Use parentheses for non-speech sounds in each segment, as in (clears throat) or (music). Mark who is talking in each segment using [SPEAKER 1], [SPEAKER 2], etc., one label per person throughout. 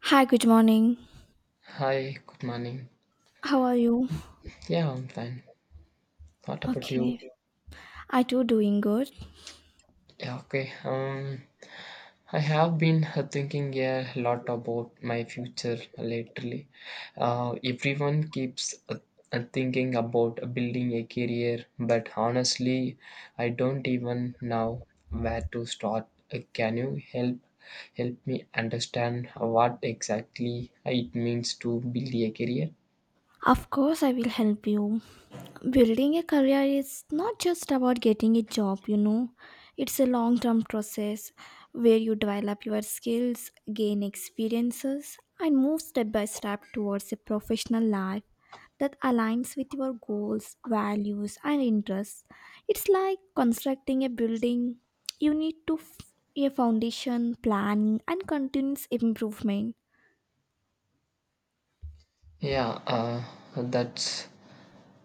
[SPEAKER 1] Hi, good morning.
[SPEAKER 2] Hi, good morning.
[SPEAKER 1] How are you?
[SPEAKER 2] Yeah, I'm fine. What about you?
[SPEAKER 1] Okay. I too doing good.
[SPEAKER 2] Yeah, okay. I have been thinking a lot about my future lately. Everyone keeps thinking about building a career, but honestly, I don't even know where to start. Can you help me understand what exactly it means to build a career?
[SPEAKER 1] Of course, I will help you. Building a career is not just about getting a job, you know. It's a long term process where you develop your skills, gain experiences, and move step by step towards a professional life that aligns with your goals, values, and interests. It's like constructing a building. You need to a foundation, planning, and continuous improvement.
[SPEAKER 2] Yeah, that's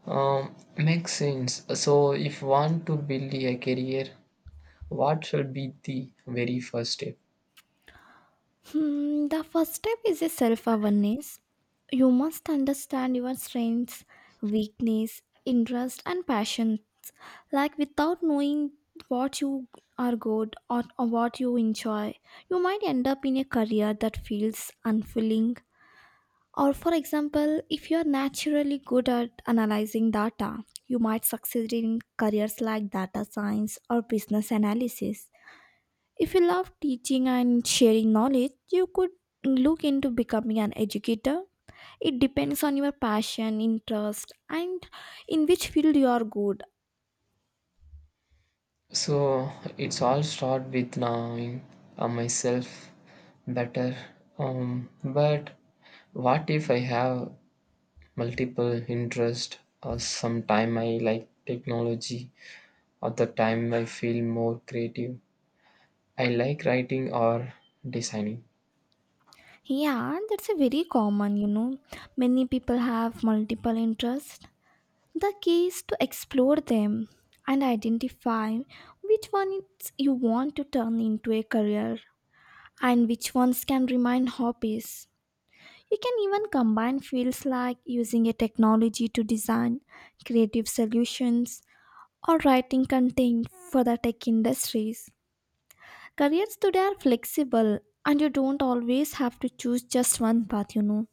[SPEAKER 2] Makes sense. So, if want to build a career, what should be the very first step?
[SPEAKER 1] Hmm, the first step is a self awareness. You must understand your strengths, weakness, interest, and passion. Like without knowing what you are good or what you enjoy, you might end up in a career that feels unfulfilling. Or, for example, if you are naturally good at analyzing data, you might succeed in careers like data science or business analysis. If you love teaching and sharing knowledge, you could look into becoming an educator. It depends on your passion, interest, and in which field you are good.
[SPEAKER 2] So, it's all start with knowing myself better. But what if I have multiple interest? Or sometime I like technology, other time I feel more creative. I like writing or designing.
[SPEAKER 1] Yeah, that's a very common, you know. Many people have multiple interests. The key is to explore them and identify which ones you want to turn into a career and which ones can remain hobbies. You can even combine fields like using a technology to design creative solutions or writing content for the tech industries. Careers today are flexible and you don't always have to choose just one path, you know.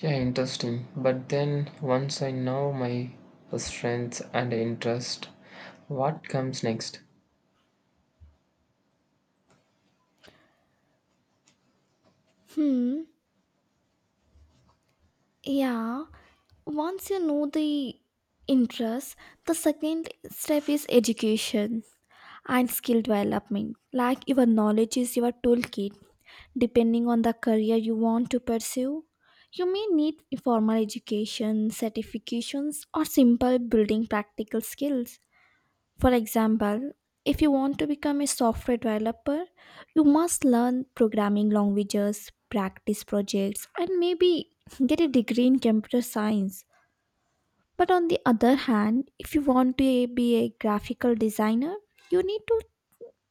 [SPEAKER 2] Yeah, interesting. But then once I know my strengths and interest, what comes next?
[SPEAKER 1] Hmm, yeah. Once you know the interest, the second step is education and skill development. Like your knowledge is your toolkit. Depending on the career you want to pursue, you may need formal education, certifications, or simple building practical skills. For example, if you want to become a software developer, you must learn programming languages, practice projects, and maybe get a degree in computer science. But on the other hand, if you want to be a graphical designer, you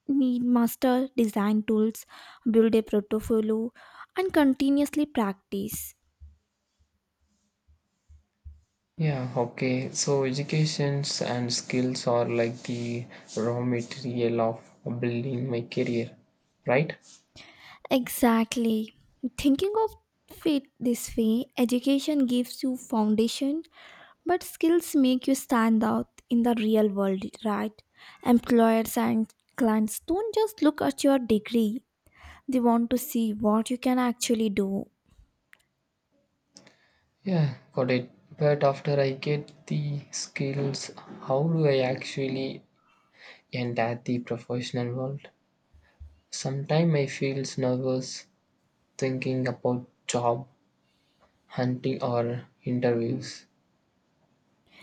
[SPEAKER 1] need master design tools, build a portfolio, and continuously practice.
[SPEAKER 2] Yeah, okay. So educations and skills are like the raw material of building my career, right?
[SPEAKER 1] Exactly. Thinking of it this way, education gives you foundation, but skills make you stand out in the real world, right? Employers and clients don't just look at your degree. They want to see what you can actually do.
[SPEAKER 2] Yeah, got it. But after I get the skills, how do I actually enter the professional world? Sometimes I feel nervous thinking about job hunting or interviews.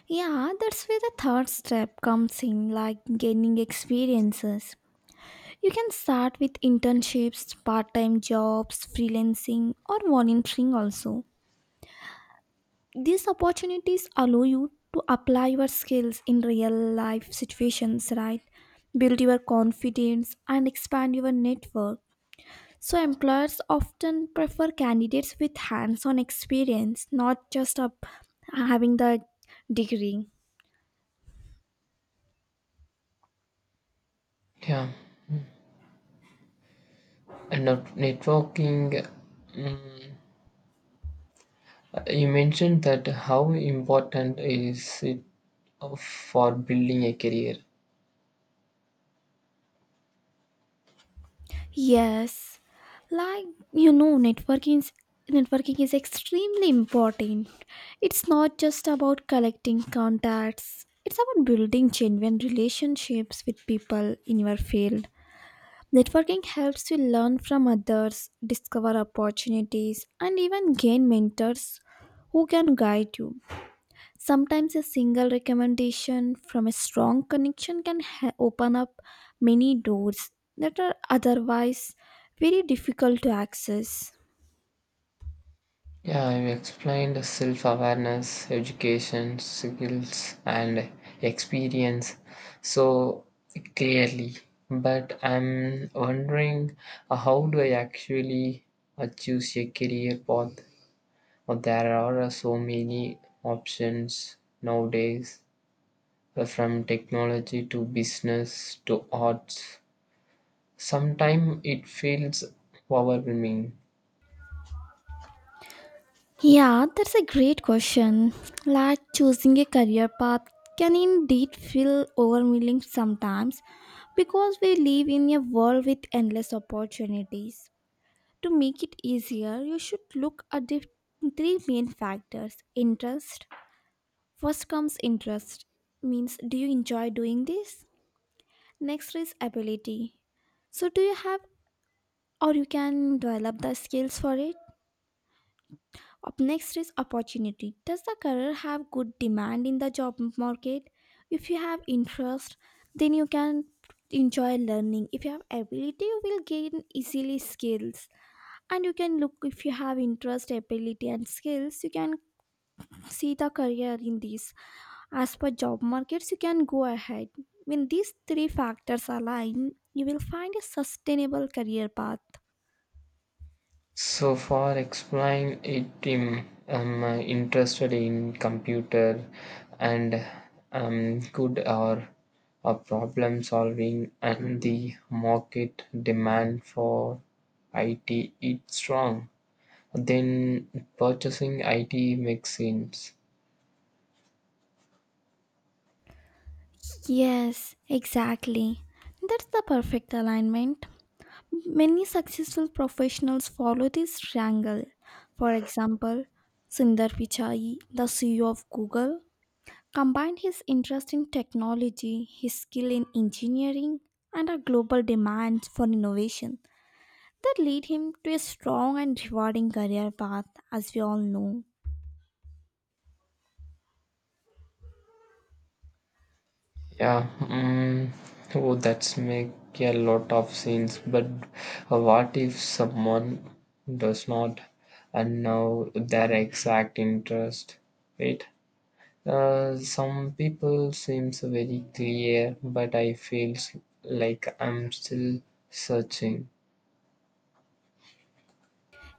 [SPEAKER 1] Yeah, that's where the third step comes in, like gaining experiences. You can start with internships, part time jobs, freelancing, or volunteering also. These opportunities allow you to apply your skills in real life situations, right? Build your confidence and expand your network. So, employers often prefer candidates with hands on experience, not just up having the degree.
[SPEAKER 2] Yeah, and now networking. mm, you mentioned that how important is it for building a career?
[SPEAKER 1] Yes, like you know, networking is extremely important. It's not just about collecting contacts. It's about building genuine relationships with people in your field. Networking helps you learn from others, discover opportunities, and even gain mentors who can guide you. Sometimes a single recommendation from a strong connection can open up many doors that are otherwise very difficult to access.
[SPEAKER 2] Yeah, you explained self awareness, education, skills, and experience so clearly. But I'm wondering how do I actually choose a career path? Or there are so many options nowadays. From technology to business to arts, sometimes it feels overwhelming.
[SPEAKER 1] Yeah, that's a great question. Like choosing a career path can indeed feel overwhelming sometimes because we live in a world with endless opportunities. To make it easier, you should look at the three main factors interest, First comes interest, means do you enjoy doing this? Next is ability. So do you have or you can develop the skills for it? Up next is opportunity. Does the career have good demand in the job market? If you have interest, then you can enjoy learning. If you have ability, you will gain easily skills. And you can look if you have interest, ability and skills, you can see the career in this. As per job markets, you can go ahead. When these three factors align, you will find a sustainable career path.
[SPEAKER 2] So for exploring it, I'm interested in computer and good or problem solving and the market demand for IT is strong. Then purchasing IT makes sense.
[SPEAKER 1] Yes, exactly. That's the perfect alignment. Many successful professionals follow this triangle. For example, Sundar Pichai, the CEO of Google, combined his interest in technology, his skill in engineering, and a global demand for innovation that lead him to a strong and rewarding career path, as we all know.
[SPEAKER 2] Yeah, mm, oh, that's make a lot of sense. But what if someone does not and know their exact interest? Right? Some people seems very clear, but I feels like I'm still searching.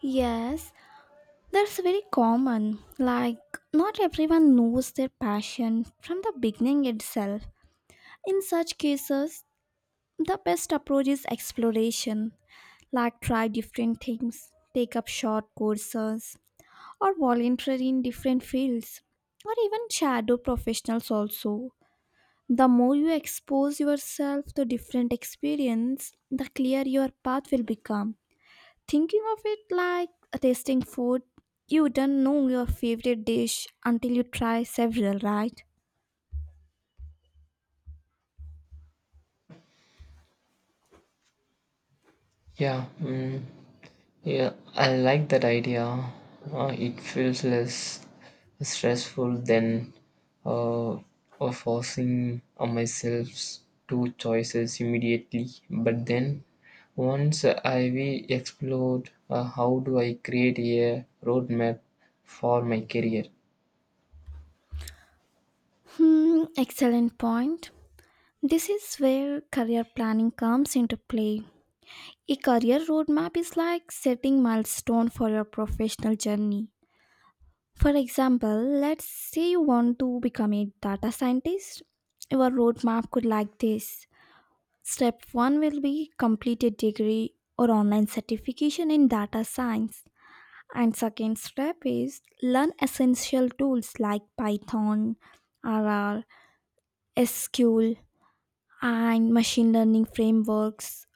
[SPEAKER 1] Yes, that's very common. Like not everyone knows their passion from the beginning itself. In such cases, the best approach is exploration. Like try different things, take up short courses, or volunteer in different fields, or even shadow professionals also. The more you expose yourself to different experience, the clearer your path will become. Thinking of it like tasting food, you don't know your favorite dish until you try several, right?
[SPEAKER 2] Yeah. Mm. Yeah, I like that idea. It feels less stressful than uh, forcing myself to choices immediately. But then, once I we explored how do I create a roadmap for my career?
[SPEAKER 1] Hmm, excellent point. This is where career planning comes into play. A career roadmap is like setting milestone for your professional journey. For example, let's say you want to become a data scientist. Your roadmap could like this. Step 1 will be complete a degree or online certification in data science. And second step is learn essential tools like Python, RR, SQL, and machine learning frameworks.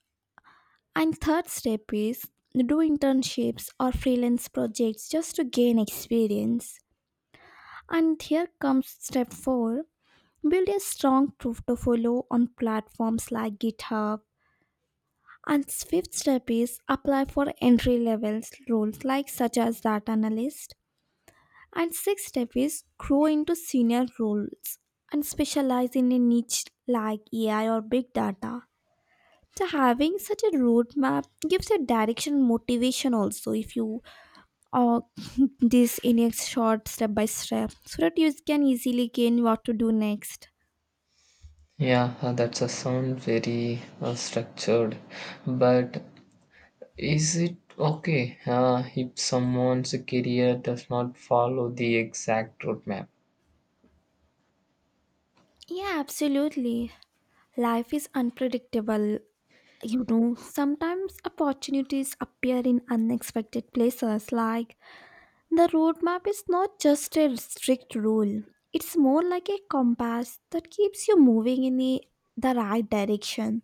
[SPEAKER 1] And third step is do internships or freelance projects just to gain experience. And here comes step 4, build a strong portfolio on platforms like GitHub. And fifth step is apply for entry level roles like such as data analyst. And sixth step is grow into senior roles and specialize in a niche like AI or big data. So having such a roadmap gives you direction motivation also if you uh, (laughs) this in a short step by step so that you can easily gain what to do next.
[SPEAKER 2] Yeah, that's a sound very structured, but is it okay if someone's career does not follow the exact roadmap?
[SPEAKER 1] Yeah, absolutely. Life is unpredictable. You know, sometimes opportunities appear in unexpected places. Like the roadmap is not just a strict rule, it's more like a compass that keeps you moving in the right direction.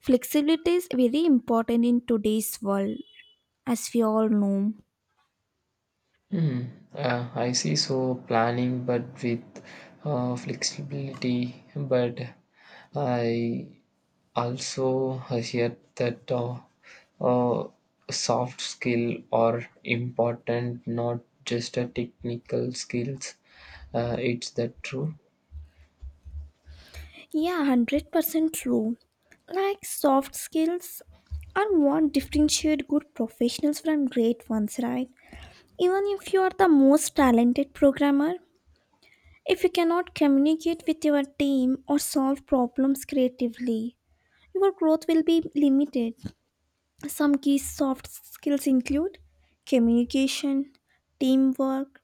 [SPEAKER 1] Flexibility is very important in today's world, as we all know.
[SPEAKER 2] Hmm. I see. So planning, but with flexibility. But I also hear that uh, soft skill are important, not just a technical skills. It's that true?
[SPEAKER 1] Yeah, 100% true. Like soft skills are what differentiate good professionals from great ones, right? Even if you are the most talented programmer, if you cannot communicate with your team or solve problems creatively, your growth will be limited. Some key soft skills include communication, teamwork,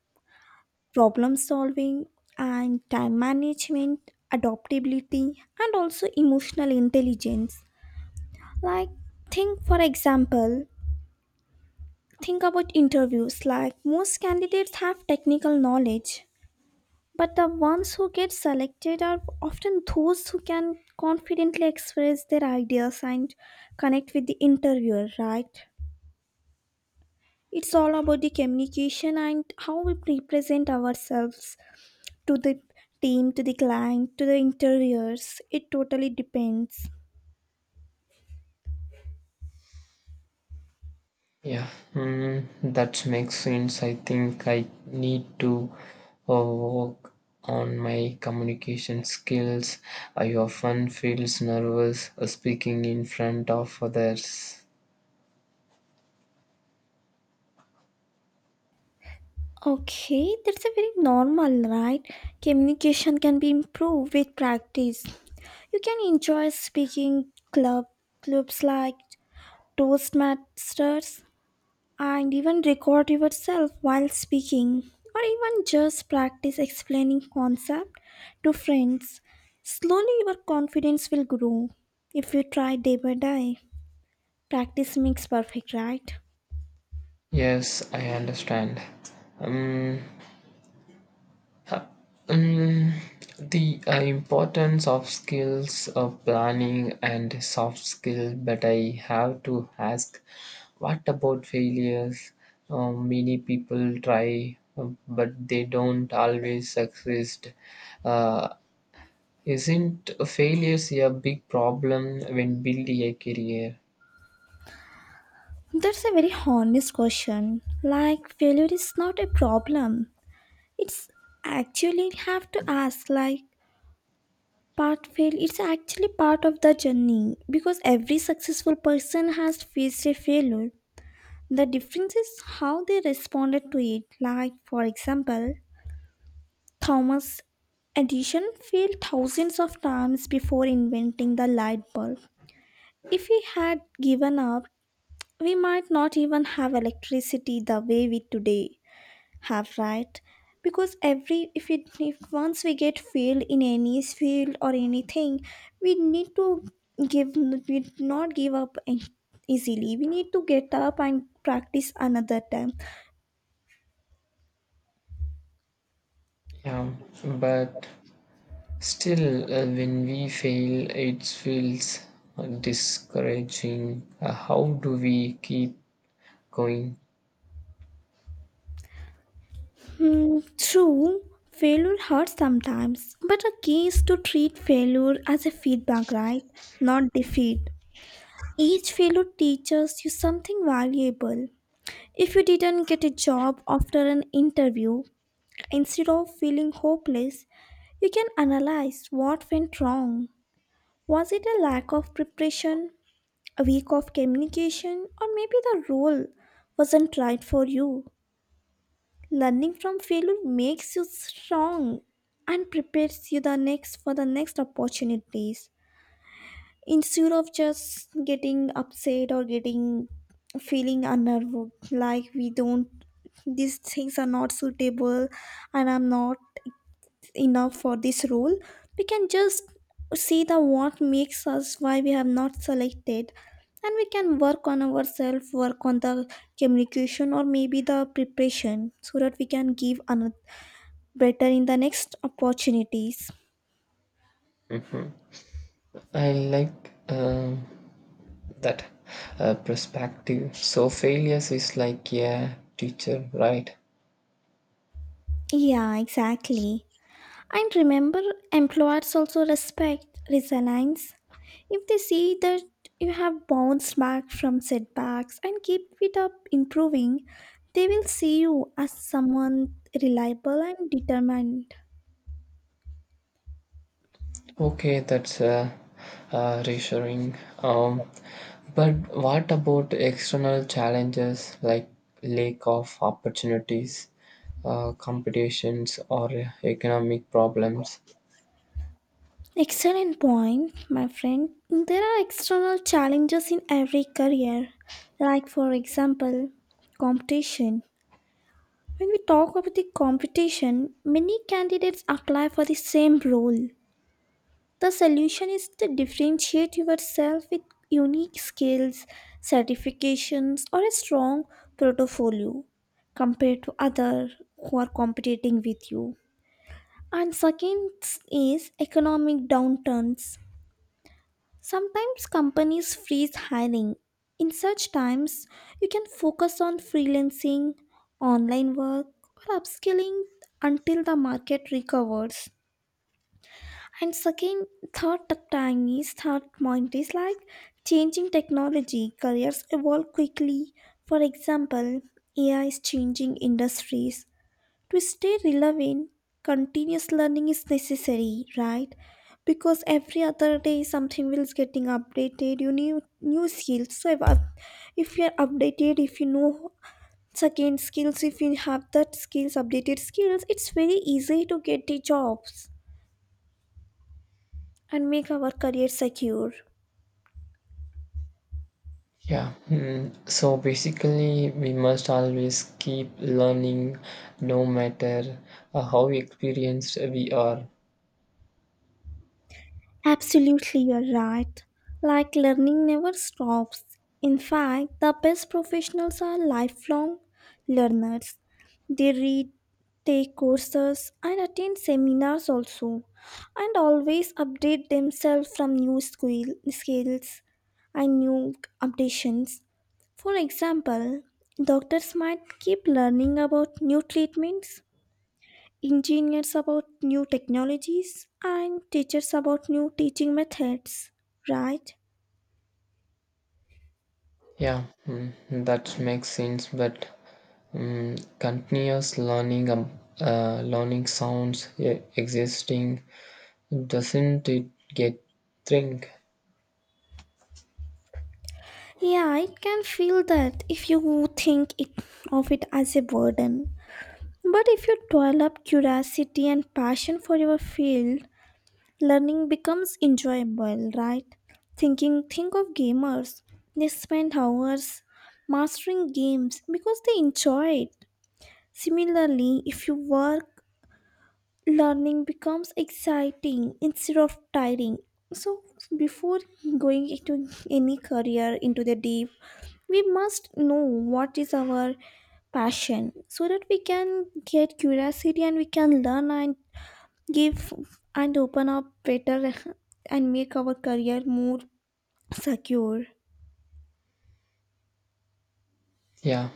[SPEAKER 1] problem solving, and time management, adaptability, and also emotional intelligence. Like, think for example, think about interviews. Like, most candidates have technical knowledge. But the ones who get selected are often those who can confidently express their ideas and connect with the interviewer, right? It's all about the communication and how we represent ourselves to the team, to the client, to the interviewers. It totally depends.
[SPEAKER 2] Yeah, that makes sense. I think I need to work on my communication skills. I often feels nervous speaking in front of others.
[SPEAKER 1] Okay, that's a very normal, right? Communication can be improved with practice. You can enjoy speaking club clubs like Toastmasters, and even record yourself while speaking, or even just practice explaining concept to friends. Slowly your confidence will grow if you try day by day. Practice makes perfect, right?
[SPEAKER 2] Yes, I understand. Um, Mm, the importance of skills of planning and soft skill, but I have to ask, what about failures? Many people try, but they don't always succeed. Uh, isn't failures a big problem when building a career?
[SPEAKER 1] That's a very honest question. Like failure is not a problem, it's actually have to ask, like part fail it's actually part of the journey, because every successful person has faced a failure. The difference is how they responded to it. Like, for example, Thomas Edison failed thousands of times before inventing the light bulb. If he had given up, we might not even have electricity the way we today have, right? Because every if it if once we get failed in any field or anything, we need to give we not give up easily. We need to get up and practice another time.
[SPEAKER 2] Yeah, but still, when we fail, it feels discouraging. How do we keep going?
[SPEAKER 1] Hmm, true, failure hurts sometimes, but a key is to treat failure as a feedback, right? Not defeat. Each failure teaches you something valuable. If you didn't get a job after an interview, instead of feeling hopeless, you can analyze what went wrong. Was it a lack of preparation, a week of communication, or maybe the role wasn't right for you? Learning from failure makes you strong and prepares you the next for the next opportunities. Instead of just getting upset or getting feeling unnerved, like we don't, these things are not suitable, and I'm not enough for this role. We can just see the what makes us why we have not selected, and we can work on ourselves, work on the communication or maybe the preparation so that we can give another better in the next opportunities.
[SPEAKER 2] I like that perspective. So failures is like a teacher, right?
[SPEAKER 1] Yeah, exactly. And remember, employers also respect resilience. If they see that you have bounced back from setbacks and keep it up improving, they will see you as someone reliable and determined.
[SPEAKER 2] Okay, that's reassuring. Um, but what about external challenges like lack of opportunities, competitions, or economic problems?
[SPEAKER 1] Excellent point, my friend. There are external challenges in every career, like, for example, competition. When we talk about the competition, many candidates apply for the same role. The solution is to differentiate yourself with unique skills, certifications, or a strong portfolio compared to others who are competing with you. And second is economic downturns. Sometimes companies freeze hiring. In such times, you can focus on freelancing, online work, or upskilling until the market recovers. And second, third time is third point is like changing technology. Careers evolve quickly. For example, AI is changing industries. To stay relevant, continuous learning is necessary, right? Because every other day something will is getting updated, you need new skills. So if you are updated, if you know second skills, if you have that skills updated skills, it's very easy to get the jobs and make our career secure.
[SPEAKER 2] Yeah, hmm. So basically, we must always keep learning no matter how experienced we are.
[SPEAKER 1] Absolutely, you're right. Like, learning never stops. In fact, the best professionals are lifelong learners. They read, take courses, and attend seminars also, and always update themselves from skills and new updations. For example, doctors might keep learning about new treatments, engineers about new technologies, and teachers about new teaching methods, right?
[SPEAKER 2] Yeah, hmm. That makes sense, but continuous learning, learning sounds existing, doesn't it get think?
[SPEAKER 1] Yeah, I can feel that. If you think it, of it as a burden, but if you develop curiosity and passion for your field, learning becomes enjoyable, right? Think of gamers. They spend hours mastering games because they enjoy it. Similarly, if you work, learning becomes exciting instead of tiring. So before going into any career into the deep, we must know what is our passion, so that we can get curiosity and we can learn and give and open up better and make our career more secure.
[SPEAKER 2] Yeah,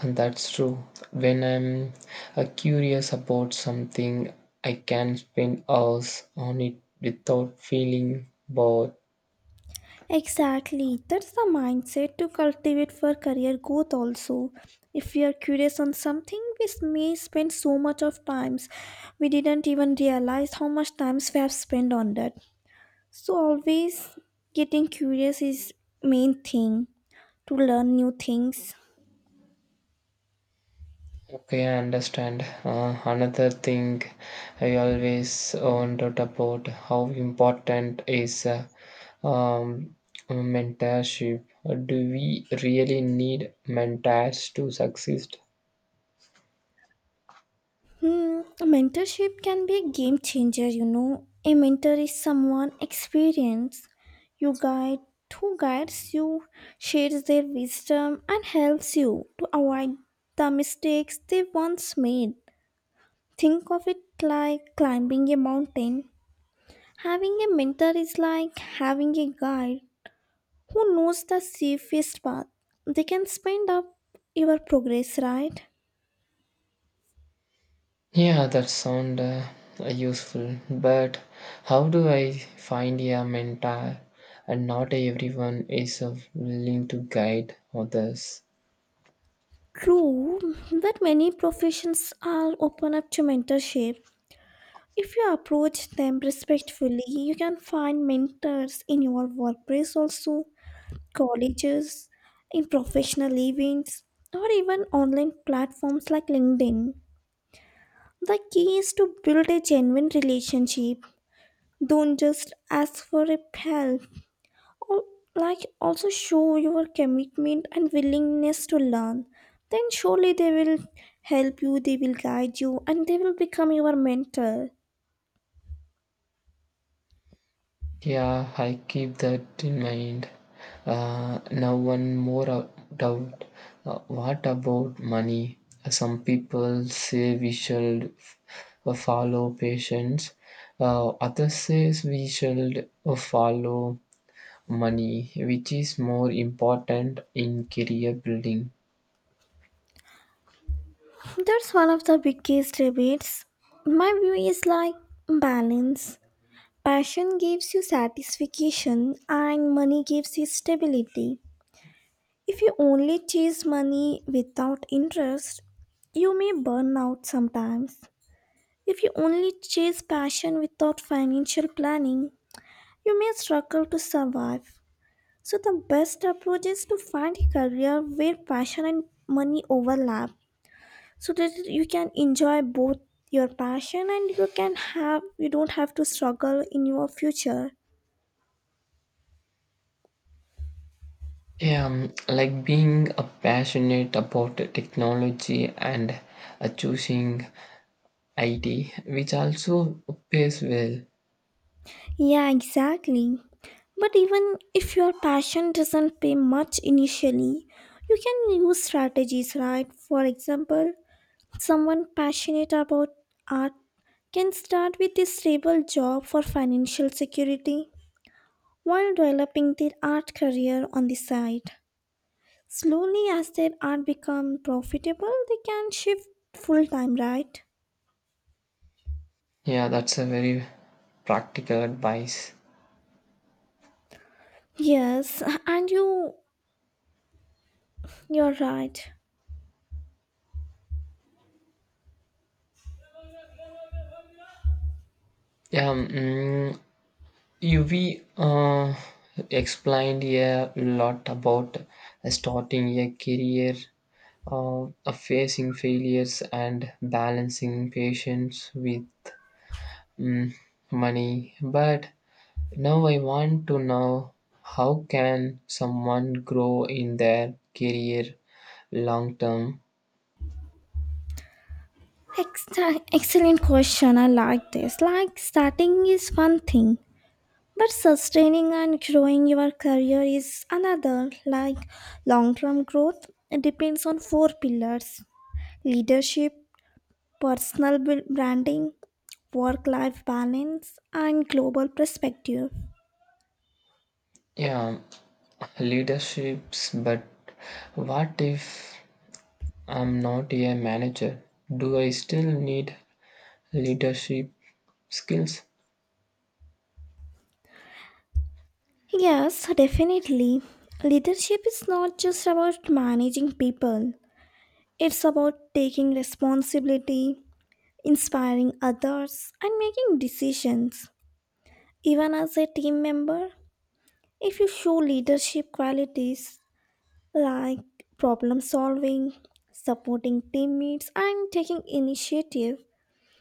[SPEAKER 2] and that's true. When I'm curious about something, I can spend hours on it without feeling bored.
[SPEAKER 1] Exactly. That's the mindset to cultivate for career growth also. If we are curious on something, we may spend so much of times we didn't even realize how much times we have spent on that. So always getting curious is main thing to learn new things.
[SPEAKER 2] Okay, I understand. Another thing I always wondered about how important is um, mentorship. Do we really need mentors to succeed?
[SPEAKER 1] Hmm, mentorship can be a game changer, A mentor is someone experienced, you guide who guides you, shares their wisdom and helps you to avoid the mistakes they once made. Think of it like climbing a mountain. Having a mentor is like having a guide who knows the safest path. They can speed up your progress, right?
[SPEAKER 2] Yeah, that sound useful. But how do I find a mentor? And not everyone is willing to guide others.
[SPEAKER 1] True, but many professions are open up to mentorship. If you approach them respectfully, you can find mentors in your workplace, also colleges, in professional events, or even online platforms like LinkedIn. The key is to build a genuine relationship. Don't just ask for a help. Al- Like, also show your commitment and willingness to learn. Then, surely they will help you, they will guide you, and they will become your mentor.
[SPEAKER 2] Yeah, I keep that in mind. Now, one more doubt. What about money? Some people say we should follow patience. Others say we should follow money, which is more important in career building?
[SPEAKER 1] That's one of the biggest debates. My view is like balance. Passion gives you satisfaction and money gives you stability. If you only chase money without interest, you may burn out sometimes. If you only chase passion without financial planning, you may struggle to survive. So, the best approach is to find a career where passion and money overlap, so that you can enjoy both your passion and you don't have to struggle in your future.
[SPEAKER 2] Yeah, like being a passionate about the technology and choosing IT, which also pays well.
[SPEAKER 1] Yeah, exactly. But even if your passion doesn't pay much initially, you can use strategies, right? For example, someone passionate about art can start with a stable job for financial security while developing their art career on the side. Slowly, as their art becomes profitable, they can shift full time, right?
[SPEAKER 2] Yeah, that's a very practical advice.
[SPEAKER 1] Yes, and you're right.
[SPEAKER 2] Yeah, UV explained a lot about starting a career, uh, facing failures, and balancing patience with mm, money. But now I want to know how can someone grow in their career long term?
[SPEAKER 1] Ex- Excellent question. I like this. Like, starting is one thing, but sustaining and growing your career is another. Like, long-term growth depends on four pillars: leadership, branding, work life balance, and global perspective.
[SPEAKER 2] Yeah, leaderships, but what if I'm not a manager? Do I still need leadership skills?
[SPEAKER 1] Yes, definitely. Leadership is not just about managing people, it's about taking responsibility, inspiring others, and making decisions. Even as a team member, if you show leadership qualities like problem solving, supporting teammates, and taking initiative,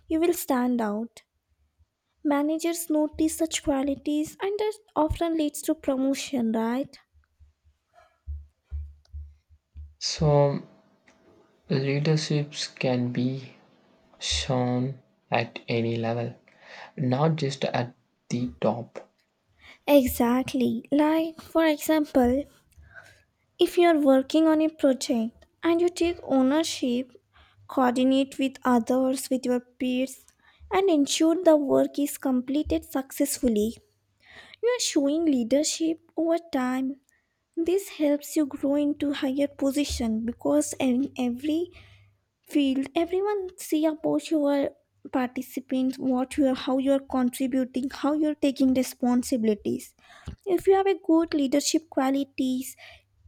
[SPEAKER 1] you will stand out. Managers notice such qualities and that often leads to promotion, right?
[SPEAKER 2] So, leaderships can be shown at any level, not just at the top.
[SPEAKER 1] Exactly. Like, for example, if you are working on a project and you take ownership, coordinate with others, with your peers, and ensure the work is completed successfully, you are showing leadership over time. This helps you grow into higher position, because in every field everyone see about your participants, what you are, how you are contributing, how you are taking responsibilities. If you have a good leadership qualities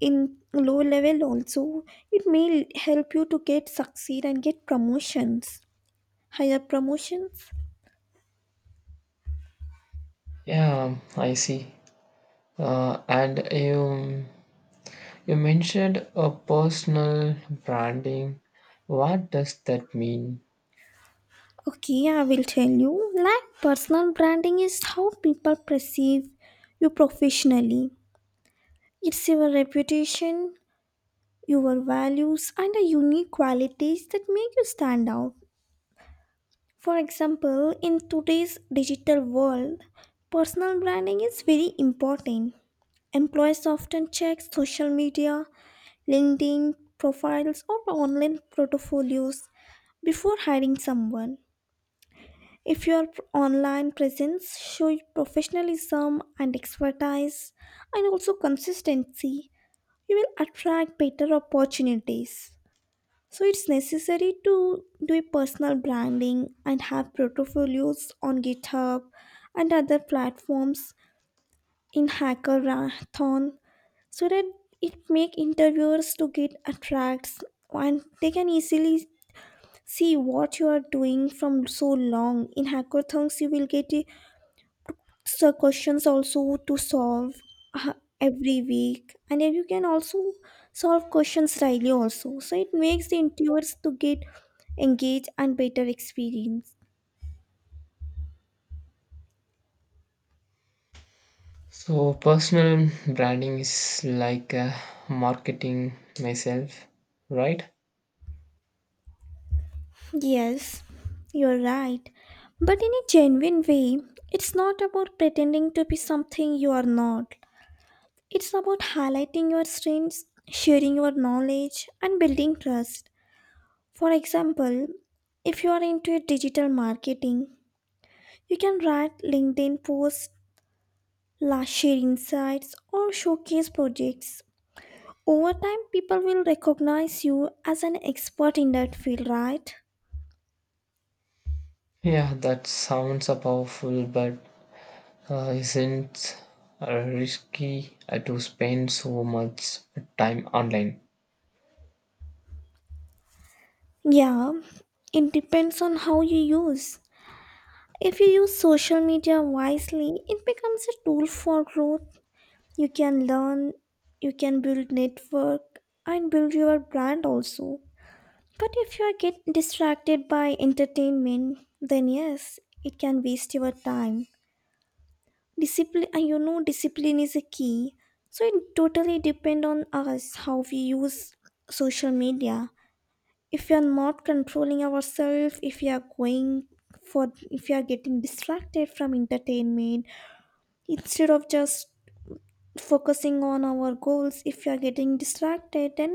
[SPEAKER 1] in low level also, it may help you to get succeed and get promotions, higher promotions.
[SPEAKER 2] Yeah, I see. And you mentioned a personal branding. What does that mean?
[SPEAKER 1] Okay, I will tell you. Like, personal branding is how people perceive you professionally. It's your reputation, your values, and the unique qualities that make you stand out. For example, in today's digital world, personal branding is very important. Employees often check social media, LinkedIn profiles, or online portfolios before hiring someone. If your online presence shows professionalism and expertise and also consistency, you will attract better opportunities. So it's necessary to do a personal branding and have portfolios on GitHub and other platforms in hackathon, so that it make interviewers to get attracts and they can easily see what you are doing from so long. In hackathons, you will get a so questions also to solve, uh, every week, and then you can also solve questions daily also, so it makes the interviewers to get engaged and better experience.
[SPEAKER 2] So personal branding is like marketing myself, right?
[SPEAKER 1] Yes, you're right, but in a genuine way. It's not about pretending to be something you are not. It's about highlighting your strengths, sharing your knowledge, and building trust. For example, if you are into digital marketing, you can write LinkedIn posts, share insights, or showcase projects. Over time, people will recognize you as an expert in that field, right?
[SPEAKER 2] Yeah, that sounds a powerful, but isn't risky to spend so much time online?
[SPEAKER 1] Yeah, it depends on how you use. If you use social media wisely, it becomes a tool for growth. You can learn, you can build network, and build your brand also. But if you are get distracted by entertainment, then yes, it can waste your time. Discipline, and discipline is a key. So it totally depend on us how we use social media. If we are not controlling ourselves, if we are going for if we are getting distracted from entertainment instead of just focusing on our goals, if we are getting distracted, then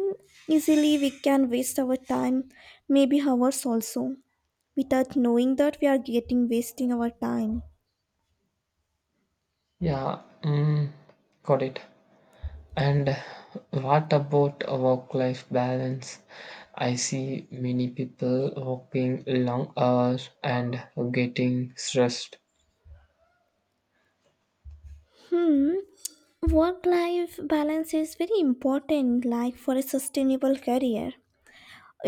[SPEAKER 1] easily we can waste our time, maybe hours also, without knowing that we are getting wasting our time.
[SPEAKER 2] Yeah, got it. And what about a work-life balance? I see many people working long hours and getting stressed.
[SPEAKER 1] Hmm. Work life balance is very important, like for a sustainable career.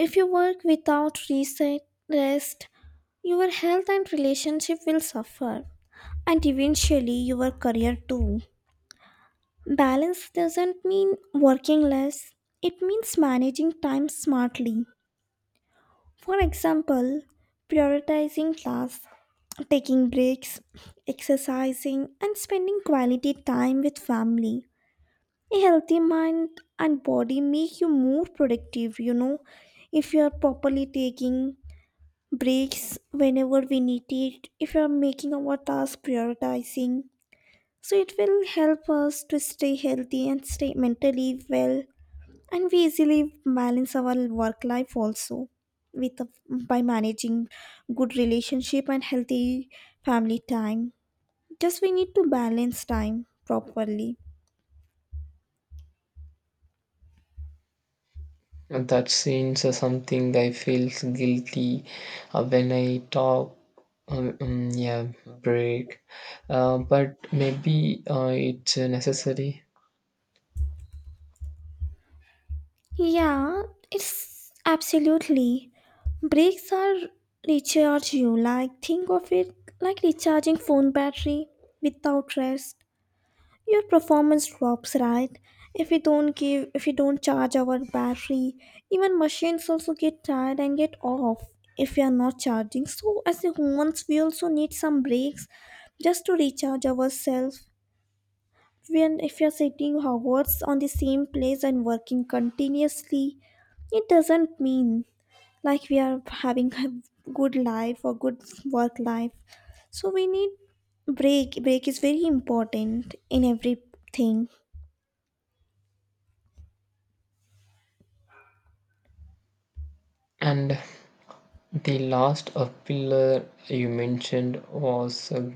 [SPEAKER 1] If you work without rest, your health and relationship will suffer and eventually your career too. Balance doesn't mean working less. It means managing time smartly. For example, prioritizing tasks, taking breaks, exercising, and spending quality time with family. A healthy mind and body make you more productive, if you are properly taking breaks whenever we need it, if you are making our task prioritizing, so it will help us to stay healthy and stay mentally well, and we easily balance our work life also, with by managing good relationship and healthy family time. Just we need to balance time properly.
[SPEAKER 2] And that seems something I feel guilty when I talk. Yeah, break. But maybe it's necessary.
[SPEAKER 1] Yeah, it's absolutely. Breaks are recharge you. Like, think of it like recharging phone battery without rest. Your performance drops, right? If we don't charge our battery, even machines also get tired and get off if we are not charging. So as humans we also need some breaks, just to recharge ourselves. When if you're sitting hours on the same place and working continuously, it doesn't mean like we are having a good life or good work life. So we need break. Break is very important in everything.
[SPEAKER 2] And the last pillar you mentioned was a,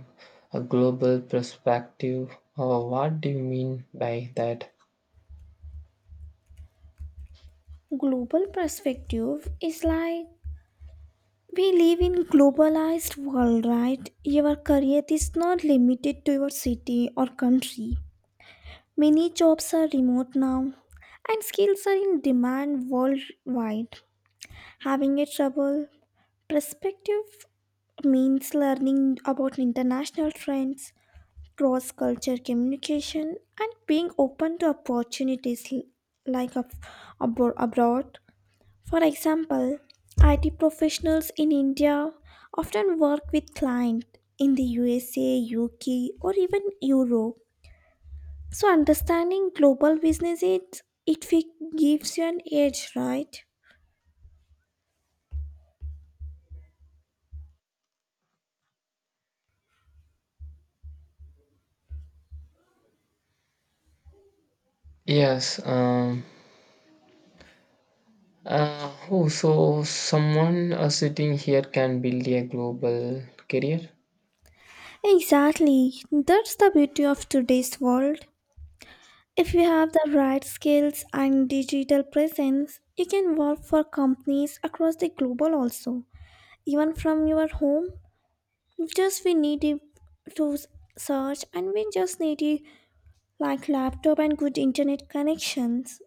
[SPEAKER 2] a global perspective. What do you mean by that?
[SPEAKER 1] Global perspective is like, we live in globalized world, right? Your career is not limited to your city or country. Many jobs are remote now, and skills are in demand worldwide. Having a trouble perspective means learning about international trends, cross culture communication, and being open to opportunities like ab- abroad. For example, IT professionals in India often work with clients in the USA, UK, or even Europe, so understanding global business it fi- gives you an edge, right?
[SPEAKER 2] Yes. Oh, so someone sitting here can build a global career.
[SPEAKER 1] Exactly. That's the beauty of today's world. If you have the right skills and digital presence, you can work for companies across the global also, even from your home. Just we need it to search, and we just need it like laptop and good internet connections.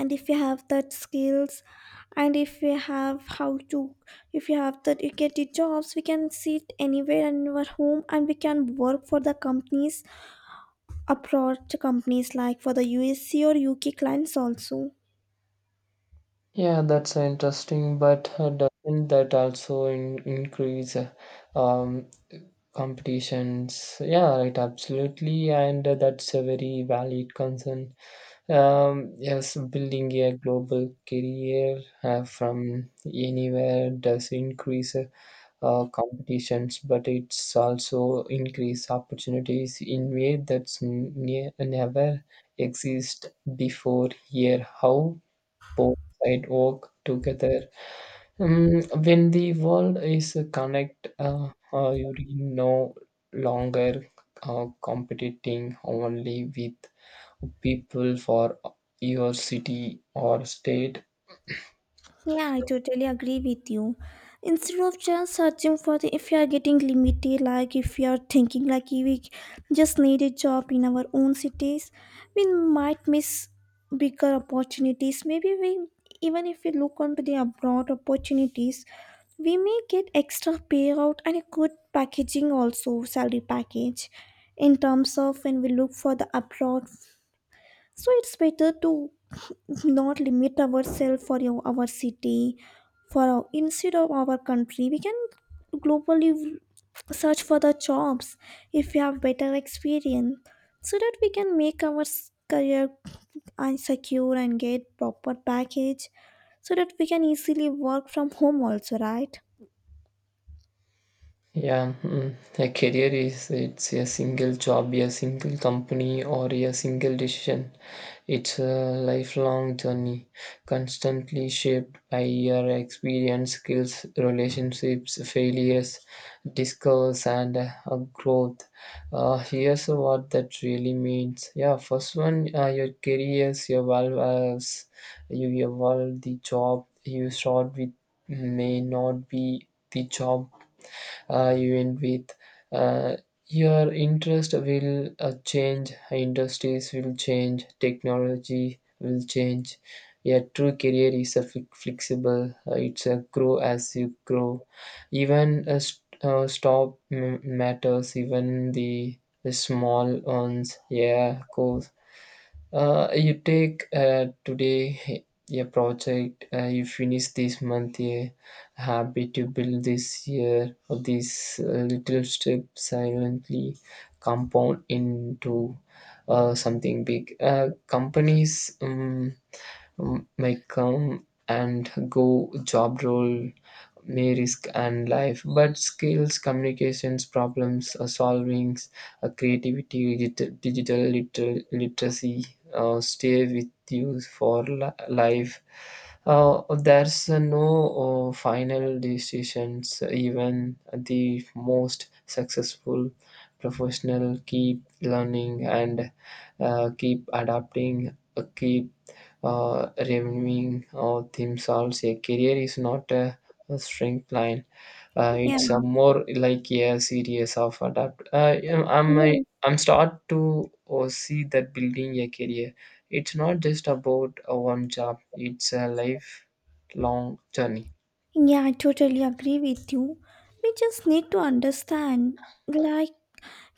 [SPEAKER 1] And if you have that skills, and if you have how to, if you have that, you get the jobs. We can sit anywhere in our home and we can work for the companies abroad, to companies like for the usc or uk clients also.
[SPEAKER 2] Yeah, that's interesting, but doesn't that also in increase um, competitions? Yeah, right, absolutely, and that's a very valid concern. Yes, building a global career from anywhere does increase competitions, but it's also increase opportunities in way that's n- ne never exist before here. How? Both sidewalk together. When the world is connect, you are no longer competing only with people for your city or state.
[SPEAKER 1] Yeah, I totally agree with you. Instead of just searching for the, if you are getting limited, like if you are thinking like we just need a job in our own cities, we might miss bigger opportunities. Maybe we, even if we look onto the abroad opportunities, we may get extra payout and a good packaging also, salary package, in terms of when we look for the abroad. So it's better to not limit ourselves for our city, for our, instead of our country, we can globally search for the jobs if we have better experience, so that we can make our career and secure and get proper package, so that we can easily work from home also, right?
[SPEAKER 2] Yeah, mm. A career is it's a single job, a single company, or a single decision. It's a lifelong journey, constantly shaped by your experience, skills, relationships, failures, discovers, and growth. Here's what that really means. Yeah, first one, your careers, your value as you evolve the job you start with may not be the job even with uh, your interest will change, industries will change, technology will change. A true career is a flexible, it's a grow as you grow. Even a stop matters, even the small ones, yeah, of course you take today a project, you finish this month a habit you build this year, or these little steps silently compound into something big. Companies may come and go, job role may risk and life but skills communications problems solving creativity literacy stay with you for life. There's no final decisions even the most successful professional keep learning and keep adapting keep revenuing or themselves. A career is not a strength line.
[SPEAKER 1] Yeah.
[SPEAKER 2] It's a more like a series of adapt. I'm I,
[SPEAKER 1] Yes.
[SPEAKER 2] I'm start to see that building a career. It's not just about a one job. It's a lifelong journey.
[SPEAKER 1] Yeah, I totally agree with you. We just need to understand, like,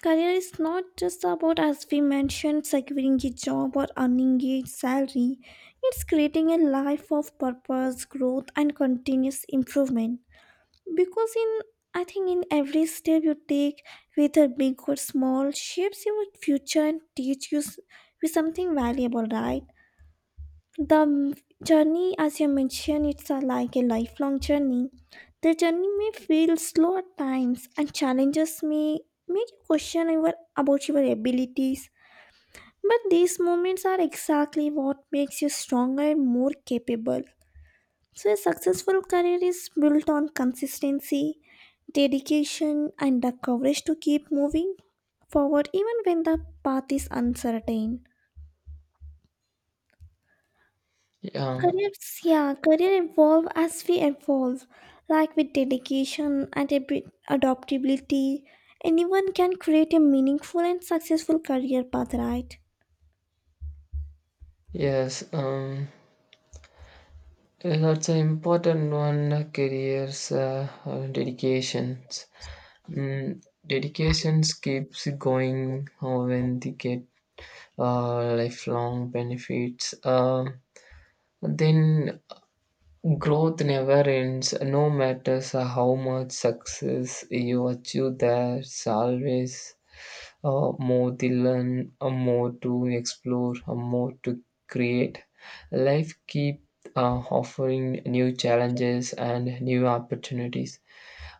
[SPEAKER 1] career is not just about, as we mentioned, securing a job or earning a salary. It's creating a life of purpose, growth, and continuous improvement. Because in, I think, in every step you take, whether big or small, shapes your future and teach you you something valuable, right? The journey, as you mentioned, it's a, like a lifelong journey. The journey may feel slow at times and challenges may make you question your, about your abilities, but these moments are exactly what makes you stronger and more capable. So a successful career is built on consistency, dedication, and the courage to keep moving forward, even when the path is uncertain.
[SPEAKER 2] Um,
[SPEAKER 1] Careers, yeah, career evolve as we evolve, like with dedication and a adaptability. Anyone can create a meaningful and successful career path, right?
[SPEAKER 2] yes. That's an important one. Careers, dedications. Mm, dedications keeps going when they get lifelong benefits. Then growth never ends, no matter how much success you achieve, there's always more to learn, more to explore, more to create. Life keep offering new challenges and new opportunities.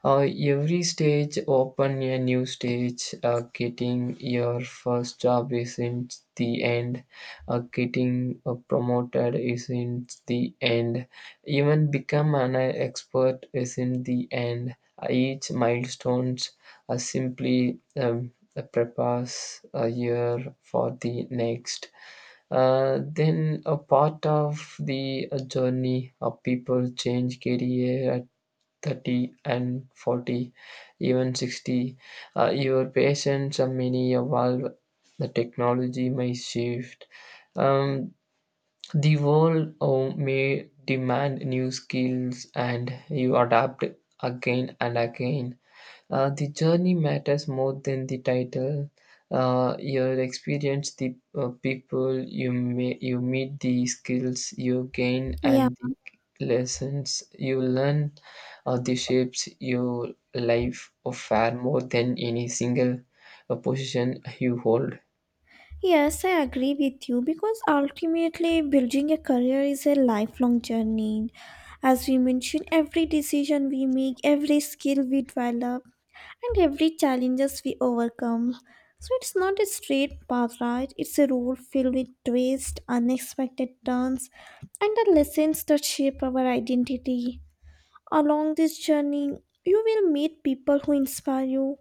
[SPEAKER 2] Every stage open a new stage. Getting your first job isn't the end. Getting promoted isn't the end. Even become an expert isn't the end. Each milestones simply prepares a year for the next. Then a part of the journey of people change career 30 and 40 even 60 your patience many evolve the technology may shift um, the world may demand new skills and you adapt again and again the journey matters more than the title. Your experience, the people you meet, the skills you gain,
[SPEAKER 1] Yeah.
[SPEAKER 2] and the lessons you learn, the shapes your life of far more than any single position you hold.
[SPEAKER 1] Yes, I agree with you, because ultimately building a career is a lifelong journey. As we mentioned, every decision we make, every skill we develop, and every challenges we overcome. So it's not a straight path, right? It's a road filled with twists, unexpected turns, and the lessons that shape our identity. Along this journey, you will meet people who inspire you,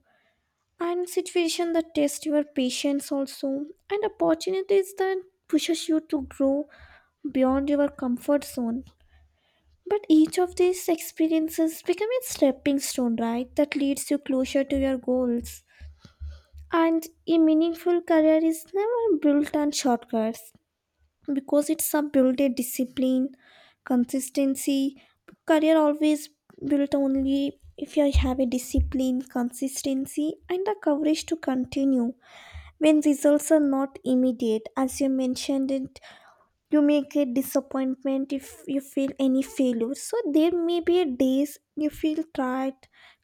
[SPEAKER 1] and situations that test your patience also, and opportunities that pushes you to grow beyond your comfort zone. But each of these experiences become a stepping stone, right? That leads you closer to your goals. And a meaningful career is never built on shortcuts, because it's a built a discipline, consistency. Career always built only if you have a discipline, consistency, and the courage to continue. When results are not immediate, as you mentioned it, you may get disappointment if you feel any failure. So there may be days you feel tired,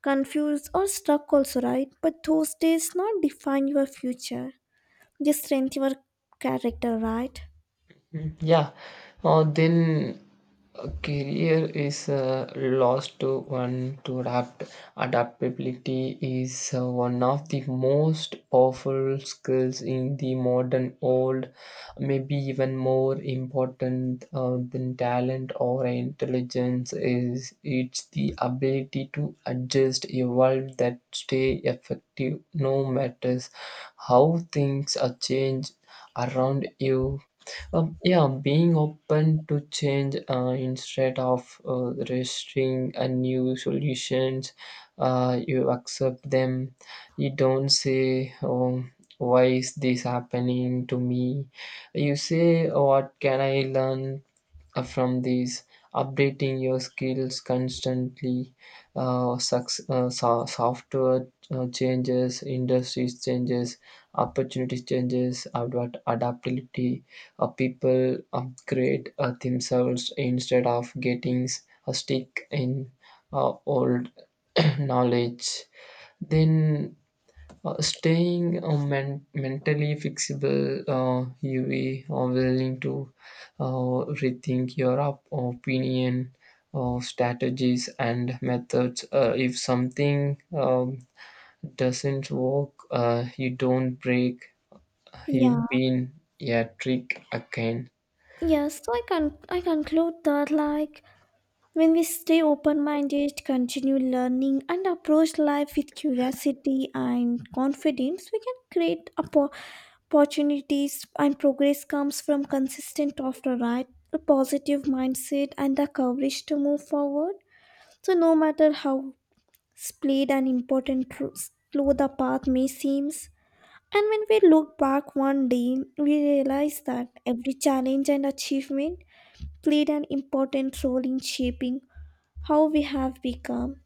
[SPEAKER 1] confused, or stuck also, right? But those days not define your future, they strengthen your character, right?
[SPEAKER 2] Mm, yeah, then a career is lost to one to adapt. Adaptability is one of the most powerful skills in the modern world, maybe even more important than talent or intelligence is it's the ability to adjust, evolve, that stay effective no matters how things are changed around you. Yeah, being open to change instead of resisting a new solutions, you accept them. You don't say, "Oh, why is this happening to me?" You say, "What can I learn from these updating your skills constantly software changes industries changes opportunities changes adaptability people upgrade themselves instead of getting stick in old (clears throat) knowledge then staying mentally flexible, you be willing to rethink your opinion, strategies, and methods. If something doesn't work, you don't break.
[SPEAKER 1] Yeah.
[SPEAKER 2] You've been a trick again.
[SPEAKER 1] Yes. So I can, I conclude that, like, when we stay open-minded, continue learning, and approach life with curiosity and confidence, we can create opportunities, and progress comes from consistent after, right? A positive mindset and the courage to move forward, so no matter how split and important tr- slow the path may seem. And when we look back one day, we realize that every challenge and achievement played an important role in shaping how we have become.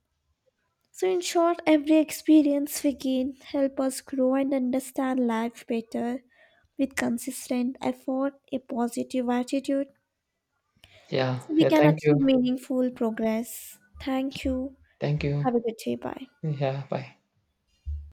[SPEAKER 1] So, in short, every experience we gain help us grow and understand life better. With consistent effort, a positive attitude,
[SPEAKER 2] Yeah,
[SPEAKER 1] so we
[SPEAKER 2] yeah.
[SPEAKER 1] can
[SPEAKER 2] Thank
[SPEAKER 1] achieve
[SPEAKER 2] you.
[SPEAKER 1] meaningful progress. Thank you.
[SPEAKER 2] Thank you.
[SPEAKER 1] Have a good day. Bye.
[SPEAKER 2] Yeah. Bye.